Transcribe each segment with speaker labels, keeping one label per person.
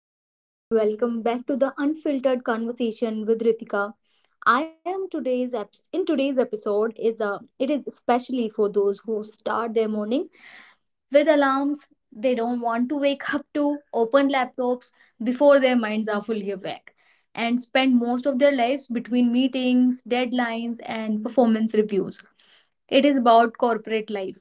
Speaker 1: Hello everyone, welcome back to the Unfiltered Conversation with Ritika. I am today's ep- in today's episode is a it is especially for those who start their morning with alarms they don't want to wake up to, open laptops before their minds are fully awake, and spend most of their lives between meetings, deadlines, and performance reviews. It is about corporate life,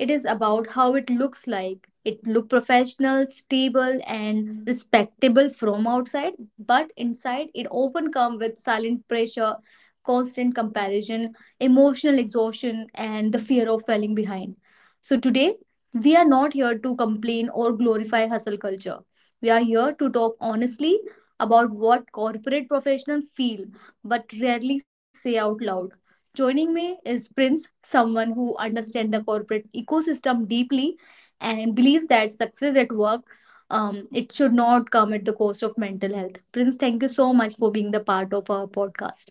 Speaker 1: it is about how it looks like. It look professional, stable and respectable from outside, but inside it often come with silent pressure, constant comparison, emotional exhaustion and the fear of falling behind. So today we are not here to complain or glorify hustle culture. We are here to talk honestly about what corporate professionals feel but rarely say out loud. Joining me is Prince, someone who understands the corporate ecosystem deeply and believes that success at work, it should not come at the cost of mental health. Prince, thank you so much for being the part of our podcast.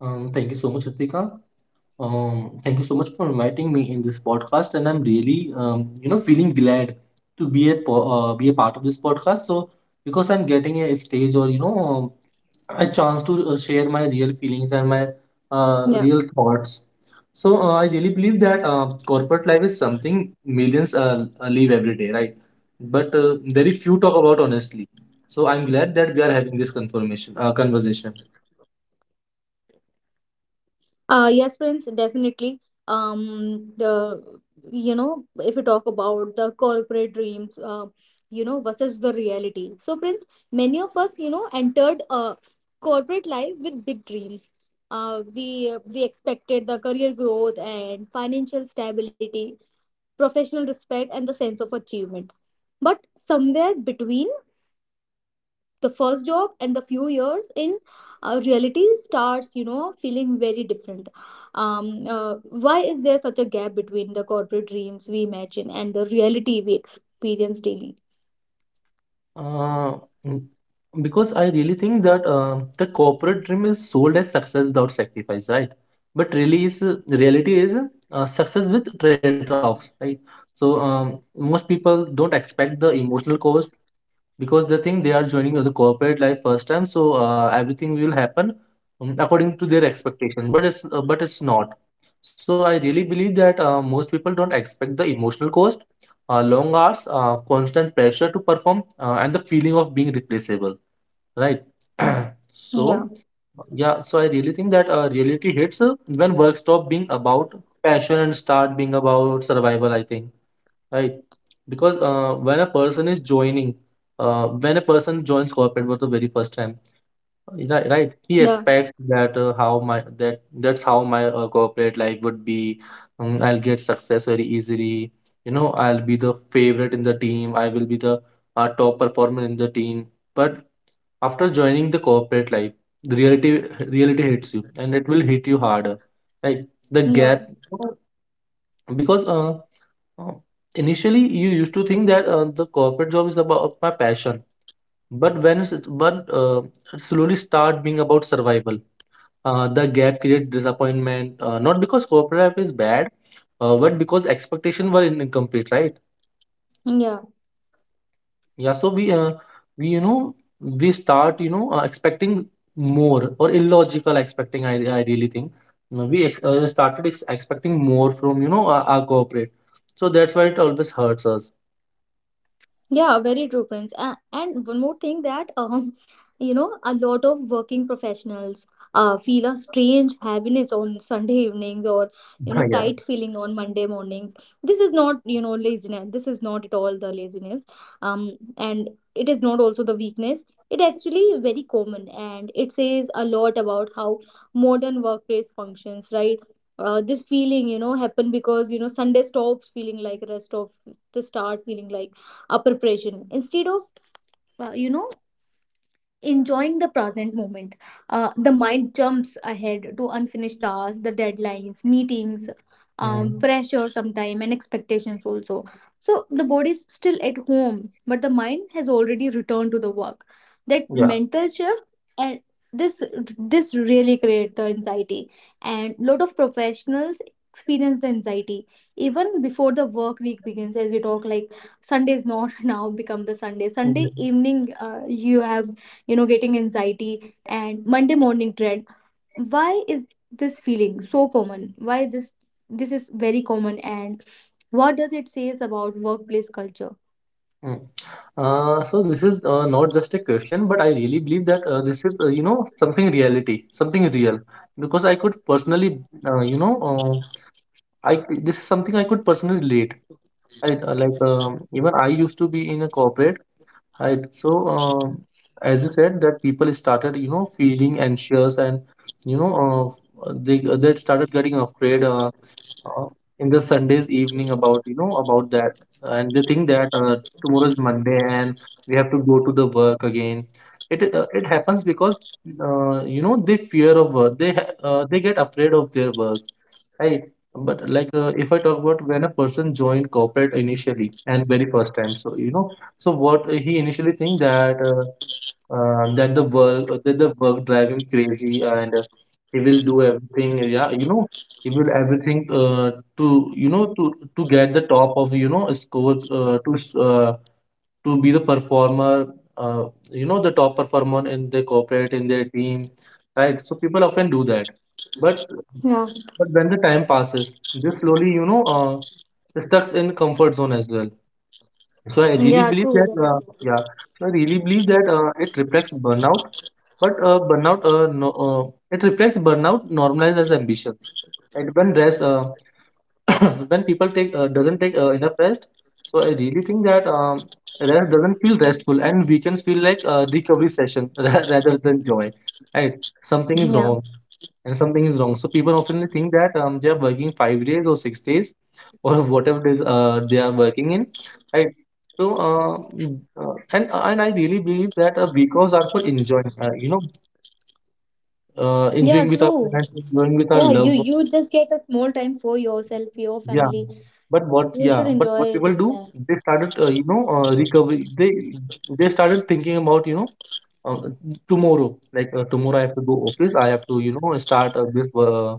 Speaker 2: Thank you so much, Ritika. Thank you so much for inviting me in this podcast, and I'm really, feeling glad to be be a part of this podcast. So because I'm getting a stage or a chance to share my real feelings and my
Speaker 1: Yeah.
Speaker 2: real thoughts. So I really believe that corporate life is something millions live every day, right? But very few talk about honestly. So I'm glad that we are having this confirmation conversation.
Speaker 1: Yes, Prince, definitely. Um, the if you talk about the corporate dreams, versus the reality. So, Prince, many of us, entered corporate life with big dreams. We expected the career growth and financial stability, professional respect, and the sense of achievement. But somewhere between the first job and the few years in, reality starts feeling very different. um, uh, why is there such a gap between the corporate dreams we imagine and the reality we experience daily?
Speaker 2: Uh, mm, because I really think that the corporate dream is sold as success without sacrifice, right? But really, is reality is success with trade-offs, right? So most people don't expect the emotional cost because they think they are joining the corporate life first time, so everything will happen according to their expectation. But it's not. So I really believe that most people don't expect the emotional cost, long hours, constant pressure to perform, and the feeling of being replaceable, right?
Speaker 1: yeah
Speaker 2: so, yeah, so I really think that reality hits when work stop being about passion and start being about survival, I think, right? Because when a person joins corporate for the very first time, right, right. He
Speaker 1: yeah
Speaker 2: expects that how my that that's how my corporate life would be. I'll get success very easily. I'll be the favorite in the team. I will be the top performer in the team. But after joining the corporate life, the reality hits you, and it will hit you harder. Right, the
Speaker 1: yeah
Speaker 2: gap. Because uh, uh, initially you used to think that the corporate job is about my passion, but it slowly start being about survival. The gap creates disappointment, not because corporate life is bad, but because expectations were incomplete, right?
Speaker 1: yeah
Speaker 2: Yeah, so we you know, we start expecting more or illogical expecting. I really think. No, we started expecting more from our corporate, so that's why it always hurts us.
Speaker 1: Yeah, very true, Prince. And one more thing that you know, a lot of working professionals feel a strange heaviness on Sunday evenings or, you know,
Speaker 2: Yeah.
Speaker 1: tight feeling on Monday mornings. This is not, you know, laziness. This is not at all the laziness. And it is not also the weakness. It actually very common and it says a lot about how modern workplace functions, right? This feeling, you know, happen because you know Sunday stops feeling like rest of the start feeling like a instead of, uh, you know enjoying the present moment. The mind jumps ahead to unfinished tasks, the deadlines, meetings,
Speaker 2: Mhm.
Speaker 1: pressure sometime, and expectations also. So the body is still at home, but the mind has already returned to the work. That mental shift and this this really create the anxiety, and lot of professionals experience the anxiety even before the work week begins. As we talk, like, Sunday is not now become the Sunday,
Speaker 2: Yeah.
Speaker 1: evening you have, you know, getting anxiety and Monday morning dread. Why is this feeling so common? Why this is very common, and what does it says about workplace culture?
Speaker 2: Hmm. So this is not just a question, but I really believe that this is something reality, something real, because I could personally uh, you know uh, this is something I could personally relate. I like even I used to be in a corporate. I so As you said that people started feeling anxious, and they started getting afraid. Uh, in the Sunday's evening about about that, and they think that tomorrow is Monday and we have to go to the work again. It happens because they fear of work. They get afraid of their work, right? But if I talk about when a person joined corporate initially and very first time, so what he initially think that. That the work drive him crazy, and he will do everything, yeah, he will everything to get the top of score, to be the performer, uh, the top performer in the corporate in their team, right? So people often do that, but
Speaker 1: yeah
Speaker 2: but when the time passes, they slowly stuck in comfort zone as well. So I really
Speaker 1: yeah
Speaker 2: believe
Speaker 1: true,
Speaker 2: that,
Speaker 1: very true.
Speaker 2: yeah. So I really believe that it reflects burnout, but burnout, no, it reflects burnout normalized as ambitions. And when rest, uh, when people take doesn't take enough rest, so I really think that rest doesn't feel restful and weekends feel like a recovery session rather than joy, right? Something is
Speaker 1: yeah
Speaker 2: wrong, and something is wrong, so people often think that they are working 5 days or 6 days or whatever days they are working in, right? So uh, mm, uh, and uh, and I really believe that weekends are for enjoying, enjoying
Speaker 1: yeah,
Speaker 2: with our
Speaker 1: true.
Speaker 2: friends, enjoying with our
Speaker 1: Yeah, you
Speaker 2: loved
Speaker 1: you
Speaker 2: ones.
Speaker 1: just get a small time for yourself, your
Speaker 2: Yeah,
Speaker 1: family.
Speaker 2: but
Speaker 1: You
Speaker 2: what?
Speaker 1: should
Speaker 2: Yeah,
Speaker 1: enjoy
Speaker 2: but
Speaker 1: it with
Speaker 2: what people
Speaker 1: that.
Speaker 2: do? They started, recovery. They started thinking about, uh, tomorrow. Tomorrow, I have to go office. I have to, start this.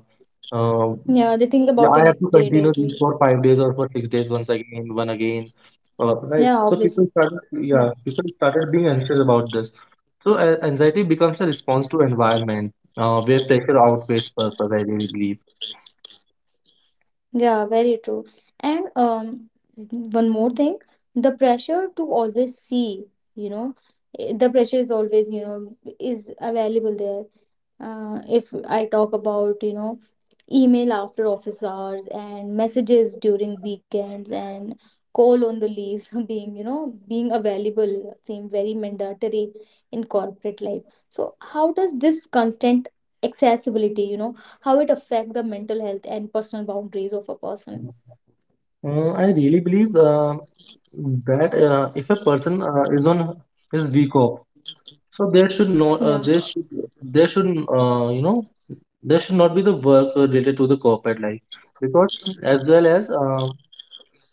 Speaker 2: uh,
Speaker 1: Yeah, they think about
Speaker 2: yeah,
Speaker 1: the
Speaker 2: I have
Speaker 1: next
Speaker 2: to
Speaker 1: day
Speaker 2: continue this
Speaker 1: directly.
Speaker 2: for 5 days or for 6 days. Once again, one again. Right.
Speaker 1: Yeah,
Speaker 2: So people
Speaker 1: obviously.
Speaker 2: started.
Speaker 1: Yeah.
Speaker 2: Yeah, people started being anxious about this. So anxiety becomes a response to environment, where pressure outweighs purpose. I really believe.
Speaker 1: Yeah, very true. And one more thing, the pressure to always see, you know, eh, the pressure is always, you know, is available there. If I talk about, you know, email after office hours and messages during weekends and call on the leaves, being, you know, being available seem very mandatory in corporate life. So how does this constant accessibility, you know, how it affect the mental health and personal boundaries of a person?
Speaker 2: I really believe that if a person is on his week off, so there should not there should there should you know there should not be the work related to the corporate life, because as well as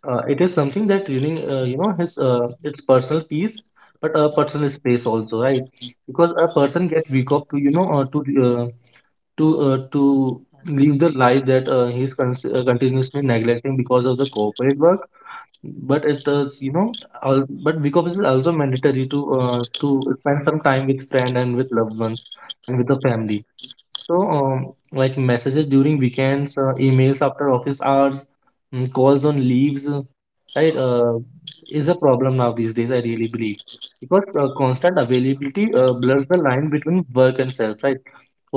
Speaker 2: it is something that during you know his its personal peace but a personal space also, right? Because a person get week off to to live the life that he is continuously neglecting because of the corporate work, but it is, you know, al but week off is also mandatory to spend some time with friend and with loved ones and with the family. So, like messages during weekends, emails after office hours, calls on leaves, right, is a problem now these days, I really believe. Because constant availability blurs the line between work and self, right?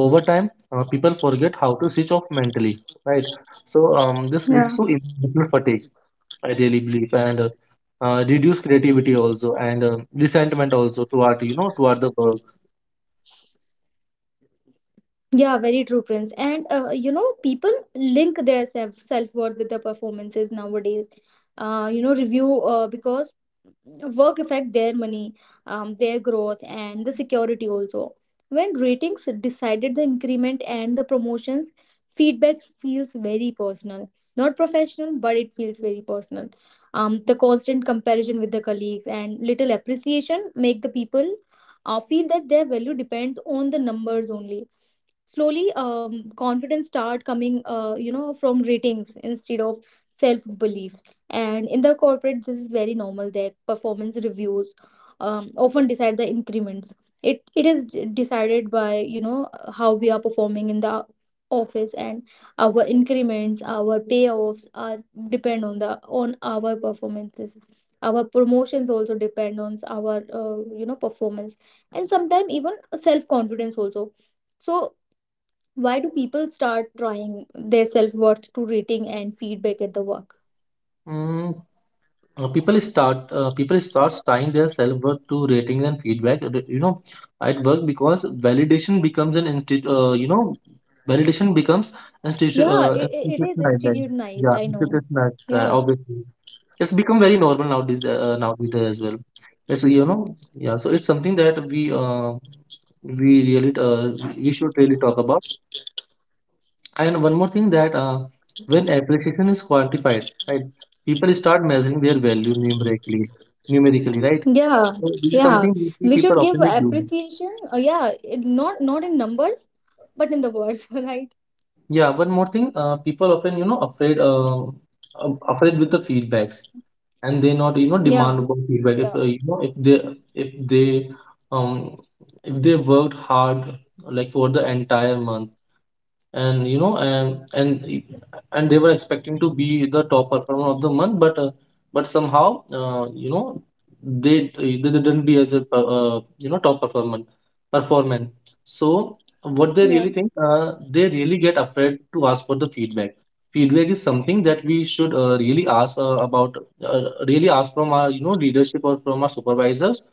Speaker 2: Over time, people forget how to switch off mentally, right? So, this
Speaker 1: Yeah.
Speaker 2: leads to emotional fatigue, I really believe, and reduce creativity also, and resentment also toward toward the work.
Speaker 1: Yeah, very true, Prince. And you know, people link their self worth with their performances nowadays. You know, review Because work affect their money, their growth, and the security also. When ratings decided the increment and the promotions, feedback feels very personal, not professional, but it feels very personal. The constant comparison with the colleagues and little appreciation make the people feel that their value depends on the numbers only. Slowly, confidence start coming, from ratings instead of self belief. And in the corporate this is very normal, their performance reviews often decide the increments. Decided by, you know, how we are performing in the office, and our increments, our payoffs are depend on the on our performances. Our promotions also depend on our, performance, and sometimes even self confidence also. So why do people start drawing their self-worth to rating and feedback at the work?
Speaker 2: Mm, people starts tying their self worth to ratings and feedback, at work because validation becomes an insti- you know validation becomes institu-
Speaker 1: Yeah, it is
Speaker 2: institutionalized. Like,
Speaker 1: institutionalized,
Speaker 2: yeah,
Speaker 1: I know.
Speaker 2: institutionalized.
Speaker 1: Yeah.
Speaker 2: Obviously, it's become very normal nowadays. Nowadays as well. It's you know yeah. So it's something that we should really talk about. And one more thing that when appreciation is quantified, right, people start measuring their value numerically, right?
Speaker 1: Yeah.
Speaker 2: So this is
Speaker 1: Yeah.
Speaker 2: something we see
Speaker 1: We should
Speaker 2: people
Speaker 1: give
Speaker 2: often do.
Speaker 1: appreciation, yeah, it, not not in numbers, but in the words, right?
Speaker 2: Yeah, one more thing, people often afraid with the feedbacks, and they not
Speaker 1: Yeah.
Speaker 2: demand about feedback. If
Speaker 1: Yeah.
Speaker 2: uh, you know if they um they worked hard like for the entire month, and you know and they were expecting to be the top performer of the month, but somehow, they didn't be as a top performer performance. So what they really
Speaker 1: Yeah.
Speaker 2: think, they really get afraid to ask for the feedback. Feedback is something that we should really ask about, uh, really ask from our leadership or from our supervisors,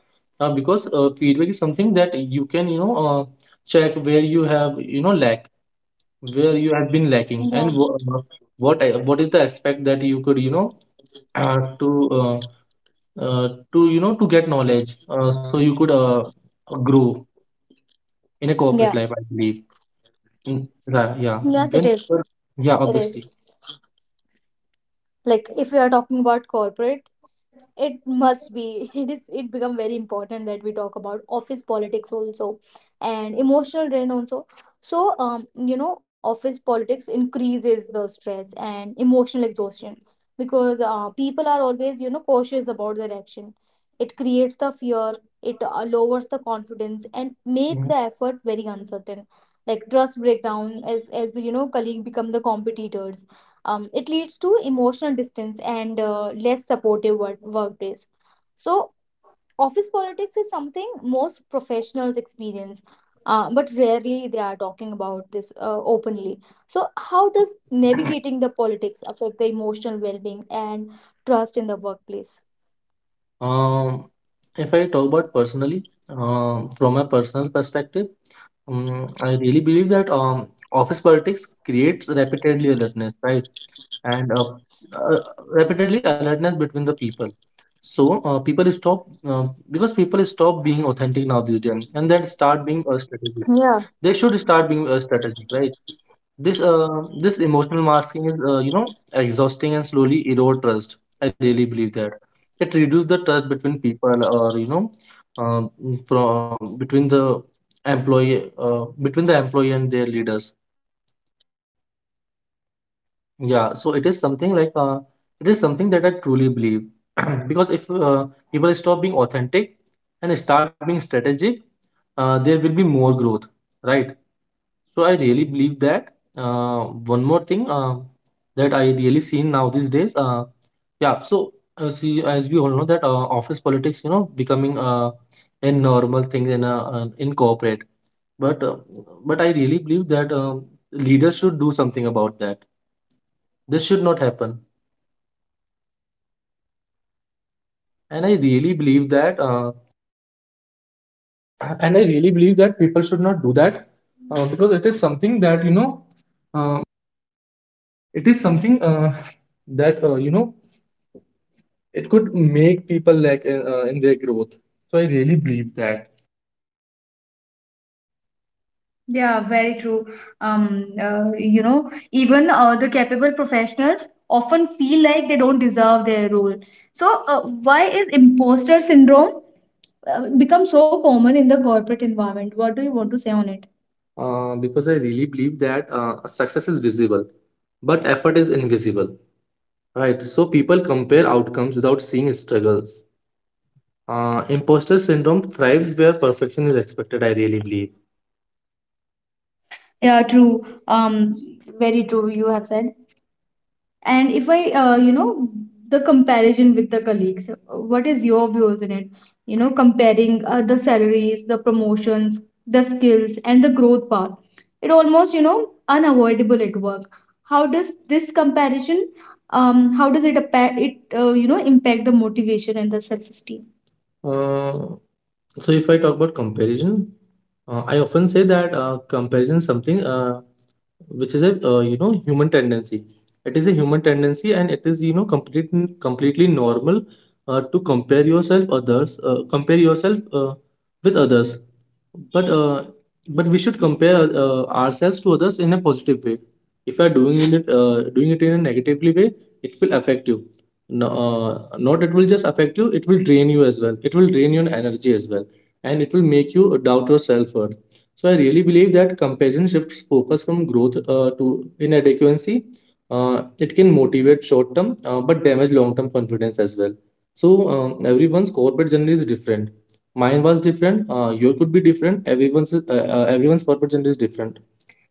Speaker 2: because feedback is something that you can check where you have you know lack where you have been lacking, and
Speaker 1: Yeah.
Speaker 2: wh- uh, what I- what is the aspect that you could, to uh, to get knowledge, so you could grow in a corporate
Speaker 1: Yeah.
Speaker 2: life, I believe. Yeah.
Speaker 1: Yes, it
Speaker 2: when
Speaker 1: is.
Speaker 2: people- yeah,
Speaker 1: It
Speaker 2: obviously.
Speaker 1: is. Like if we are talking about corporate, it must be it is it become very important that we talk about office politics also and emotional drain also. So you know office politics increases the stress and emotional exhaustion because people are always, you know, cautious about their action. It creates the fear, it lowers the confidence and make
Speaker 2: Mhm.
Speaker 1: the effort very uncertain. Like trust breakdown as the you know colleague become the competitors. It leads to emotional distance and less supportive workplace. So, office politics is something most professionals experience, but rarely they are talking about this openly. So, how does navigating the politics affect the emotional well being and trust in the workplace?
Speaker 2: um if I talk about personally, from a personal perspective, I really believe that office politics creates repeatedly alertness, right? And uh, repeatedly alertness between the people. So people stop because people stop being authentic now these days, and then start being a strategy.
Speaker 1: Yeah,
Speaker 2: They should start being a strategy, right? This emotional masking is exhausting and slowly erode trust. I really believe that it reduces the trust between people, or um, from between the employee and their leaders.
Speaker 1: exactly.
Speaker 2: Yeah, so it is something that I truly believe, because if people stop being authentic and start being strategic, there will be more growth, right? So I really believe that. Uh, One more thing that I really seen now these days, yeah. So as we all know that office politics, you know, becoming a normal thing in in corporate, but uh, but I really believe that leaders should do
Speaker 1: Yeah,
Speaker 2: something
Speaker 1: very
Speaker 2: about that.
Speaker 1: right.
Speaker 2: This should
Speaker 1: That
Speaker 2: not
Speaker 1: is very
Speaker 2: happen.
Speaker 1: well said, Prince. And
Speaker 2: And i really believe that uh, and i really believe that people should not do that, because it is something that, you know, uh, it is something that you know, it could make people like in their growth. So I really believe that. Yeah, very true. You know, even the capable professionals often feel like they don't deserve their role. So, why is imposter syndrome become so common in the corporate environment? What do you want to say on it? Because I really believe that success is visible, but effort is invisible, right? So people compare outcomes without seeing struggles. Imposter syndrome thrives where perfection is expected, I really believe. Yeah, true. Very true. You have said. And if I, you know, the comparison with the colleagues, what is your views on it? You know, comparing the salaries, the promotions, the skills, and the growth path. It almost, you know, unavoidable at work. How does this comparison, how does it you know, impact the motivation and the self-esteem? Uh, so if I talk about comparison, I often say that comparison is something which is a, you know, human tendency. It is a human tendency, and it is, you know, completely normal to compare yourself others, compare yourself with others. But uh, but we should compare ourselves to others in a positive way. If you are doing it in a negatively way, it will affect you, no, not it will just affect you, it will drain you as well, it will drain your energy as well, and it will make you doubt your self-worth. So I really believe that comparison shifts focus from growth to inadequacy. It can motivate short-term, but damage long-term confidence as well. So everyone's corporate journey is different. Mine was different, your could be different. Everyone's corporate journey is different.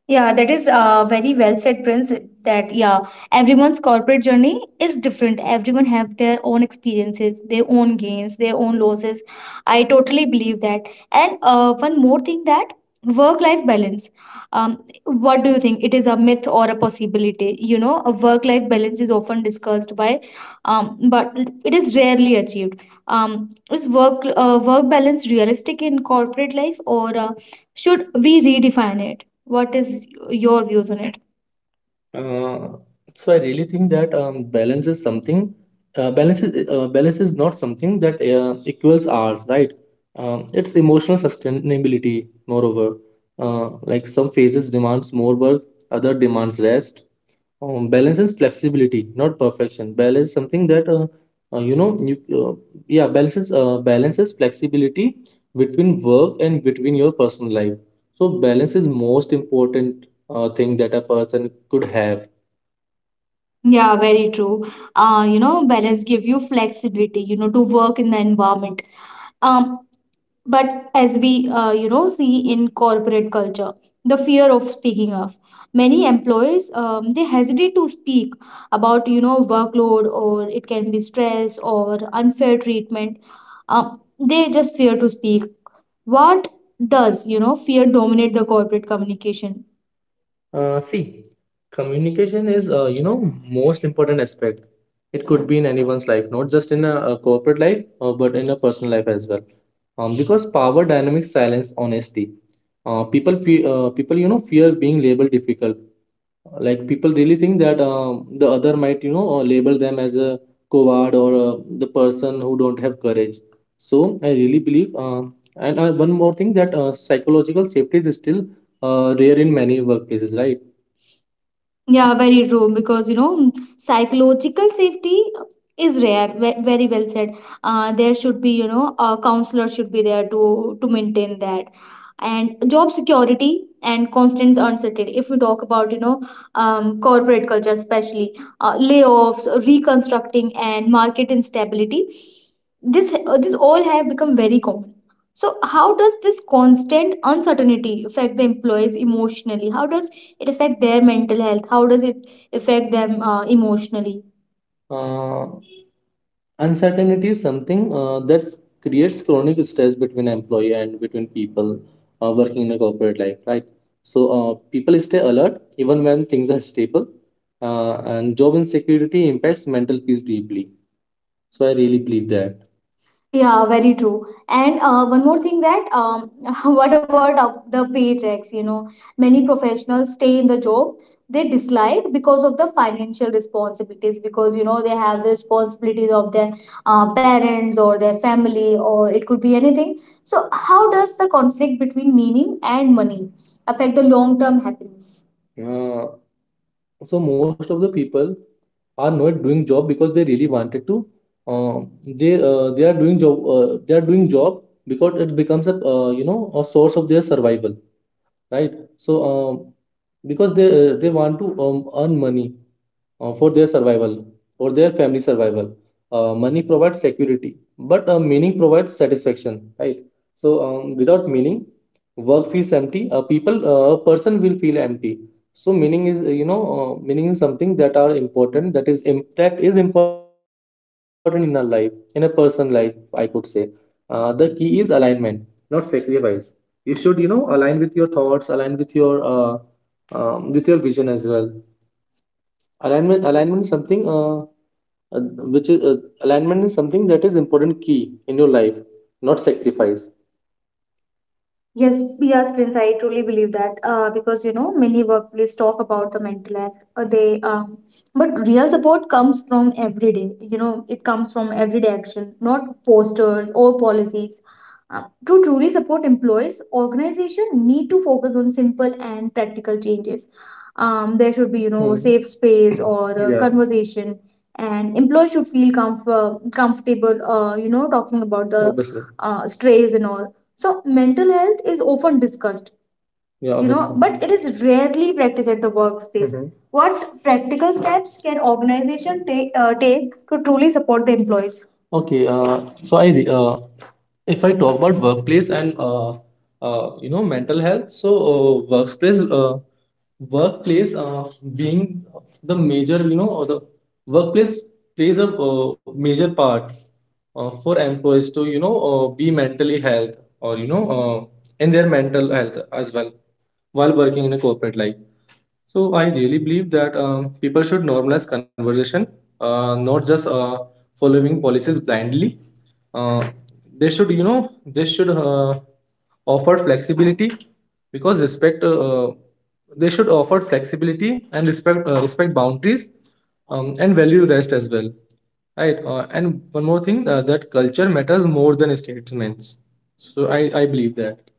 Speaker 2: Yeah, that is very well said, Prince. That, yeah, everyone's corporate journey is different. Everyone have their own experiences, their own gains, their own losses. I totally believe that. And one more thing, that work-life balance. Um, what do you think? It is a myth or a possibility? You know, a work-life balance is often discussed by, but it is rarely achieved. Is work balance realistic in corporate life, or should we redefine it? What is your views on it? Uh, so I really think that, balance is something. Uh, balance is not something that equals ours, right? It's emotional sustainability. Moreover, like some phases demands more work, other demands rest. Balance is flexibility, not perfection. Balance something that you know you, balance is flexibility between work and between your personal life. So balance is most important thing that a person could have. Yeah, very true. You know, balance give you flexibility, you know, to work in the environment. Um, but as we, you know, see in corporate culture the fear of speaking of many employees, they hesitate to speak about, you know, workload, or it can be stress or unfair treatment. Um, they just fear to speak. What does, you know, fear dominate the corporate communication? See, communication is, you know, most important aspect. It could be in anyone's life, not just in a corporate life, but in a personal life as well. Because power dynamics silence honesty. People fear, people, you know, fear being labeled difficult. Like people really think that, the other might, you know, label them as a coward, or the person who don't have courage. So I really believe. And One more thing, that psychological safety is still rare in many workplaces, right? Yeah, very true. Because, you know, mm, psychological safety is rare. Very well said. There should be, you know, a counselor should be there to maintain that, and job security and constant uncertainty. If we talk about, you know, corporate culture, especially layoffs, reconstructing, and market instability, this all have become very common. So, how does this constant uncertainty affect the employees emotionally? How does it affect their mental health? How does it affect them emotionally? Uh, Uncertainty is something that creates chronic stress between employee and between people working in a corporate life, right? So people stay alert even when things are stable, and job insecurity impacts mental peace deeply. So I really believe that. Yeah, very true. And one more thing, that, what about the paychecks? You know, many professionals stay in the job they dislike because of the financial responsibilities, because, you know, they have the responsibilities of their parents or their family, or it could be anything. So how does the conflict between meaning and money affect the long-term happiness? Yeah, so most of the people are not doing job because they really wanted to. Uh, they are doing job they are doing job because it becomes a, you know, a source of their survival, right? So, because they want to, earn money for their survival, for their family survival. Money provides security, but meaning provides satisfaction, right? So, without meaning, work feels empty. A person will feel empty. So meaning is, you know, meaning is something that are important, that that is important in our life, in a person life, I could say. The key is alignment, not sacrifice. You should, you know, align with your thoughts, align with your vision as well. Alignment is something uh, which is alignment is something that is important key in your life, not sacrifice. Yes, yes, Prince, I truly believe that, because you know many workplace talk about the mental health. They, but real support comes from everyday. You know, it comes from everyday action, not posters or policies. To truly support employees, organization need to focus on simple and practical changes. There should be, you know, Hmm. safe space or Yeah. conversation, and employees should comfortable. You know, talking about the Obviously. Strays and all. So mental health is often discussed, Yeah, you know, obviously. But it is rarely practiced at the workspace. Mm-hmm. What practical steps can organization take to truly support the employees? Okay, if I talk about workplace and you know mental health, so workplace workplace being the major you know or the workplace plays a, major part for employees to, you know, be mentally health, or you know, in their mental health as well, while working in a corporate life. So I really believe that, people should normalize conversation, not just following policies blindly. uh, they should, you know, they should offer flexibility, because respect they should offer flexibility and respect, boundaries, and value rest as well, right? And one more thing, that culture matters more than statements. So I believe that.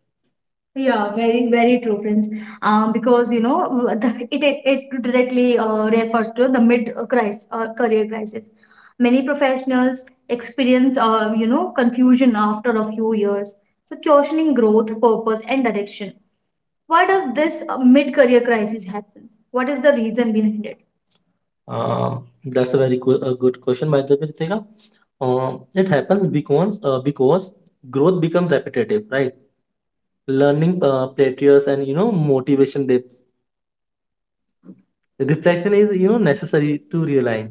Speaker 2: Yeah, very, very true, Prince. Because, you know, it directly refers to the mid crisis or career crisis. Many professionals experience, you know, confusion after a few years, so questioning growth, purpose, and direction. Why does this mid career crisis happen? What is the reason behind it? That's a very good a good question, by the way, Ritika. It happens because, because growth becomes repetitive, right? Learning plateaus, and, you know, motivation dips. Reflection is, you know, necessary to realign.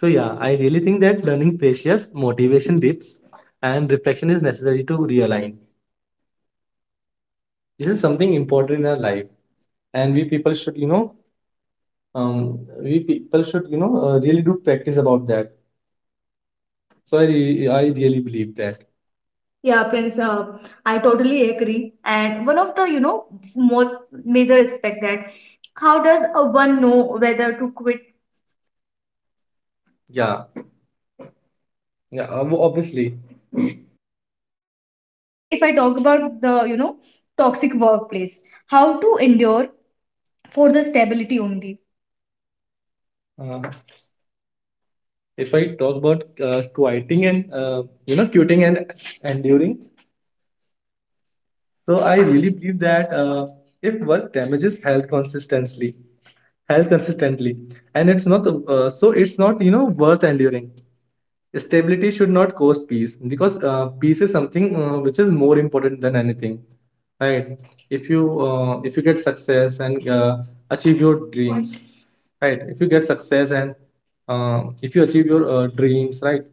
Speaker 2: So yeah, I really think that learning plateaus, motivation dips, and reflection is necessary to realign. This is something important in our life, and we people should, you know, we people should, you know, really do practice about that. So I really believe that. Yeah, Prince, I totally agree. And one of the, you know, most major aspect, that how does one know whether to quit? Yeah. Yeah, obviously. Especially if I talk about the, you know, toxic workplace, how to endure for the stability only. Uh, if I talk about quieting and, you know, quitting and enduring, so I really believe that, if work damages health consistently, health consistently, and it's not, so it's not, you know, worth enduring. Stability should not cost peace, because peace is something, which is more important than anything, right? If you get success and achieve your dreams right If you get success, and if you achieve your dreams, right,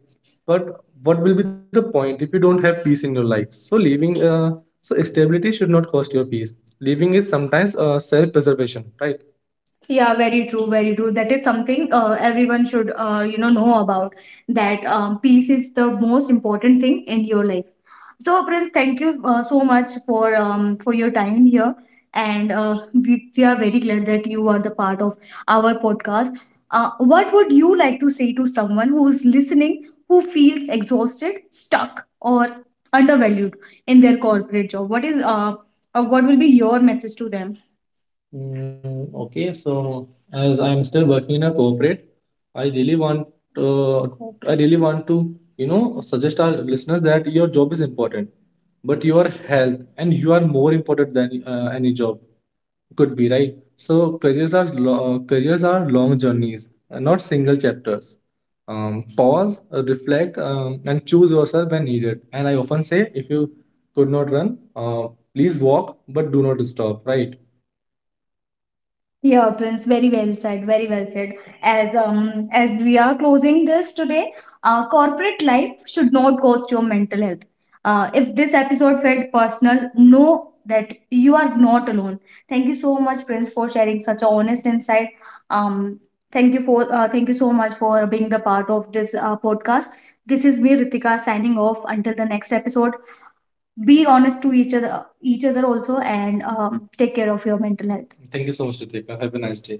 Speaker 2: but what will be the point if you don't have peace in your life? So stability should not cost your peace. Living is sometimes self preservation, right? Yeah, very true, very true. That is something everyone should, you know about, that, peace is the most important thing in your life. So, Prince, thank you so much for, for your time here, and we are very glad that you are the part of our podcast. What would you like to say to someone who is listening, who feels exhausted, stuck, or undervalued in their corporate job? What is what will be your message to them? Mm, okay, so as I'm still working in a corporate, I really want uh, I really want to, you know, suggest our listeners that your job is important, but your health and you are more important than any job could be, right? So careers are long journeys, not single chapters. Pause, reflect, and choose yourself when needed. And I often say, if you could not run, please walk, but do not stop, right? Yeah, Prince, very well said, very well said. As, um, as we are closing this today, corporate life should not cost your mental health. If this episode felt personal, know that you are not alone. Thank you so much, Prince, for sharing such a honest insight. Um, thank you for, thank you so much for being the part of this podcast. This is me, Ritika, signing off. Until the next episode, be honest to each other also, and, take care of your mental health. Thank you so much, Ritika. Have a nice day.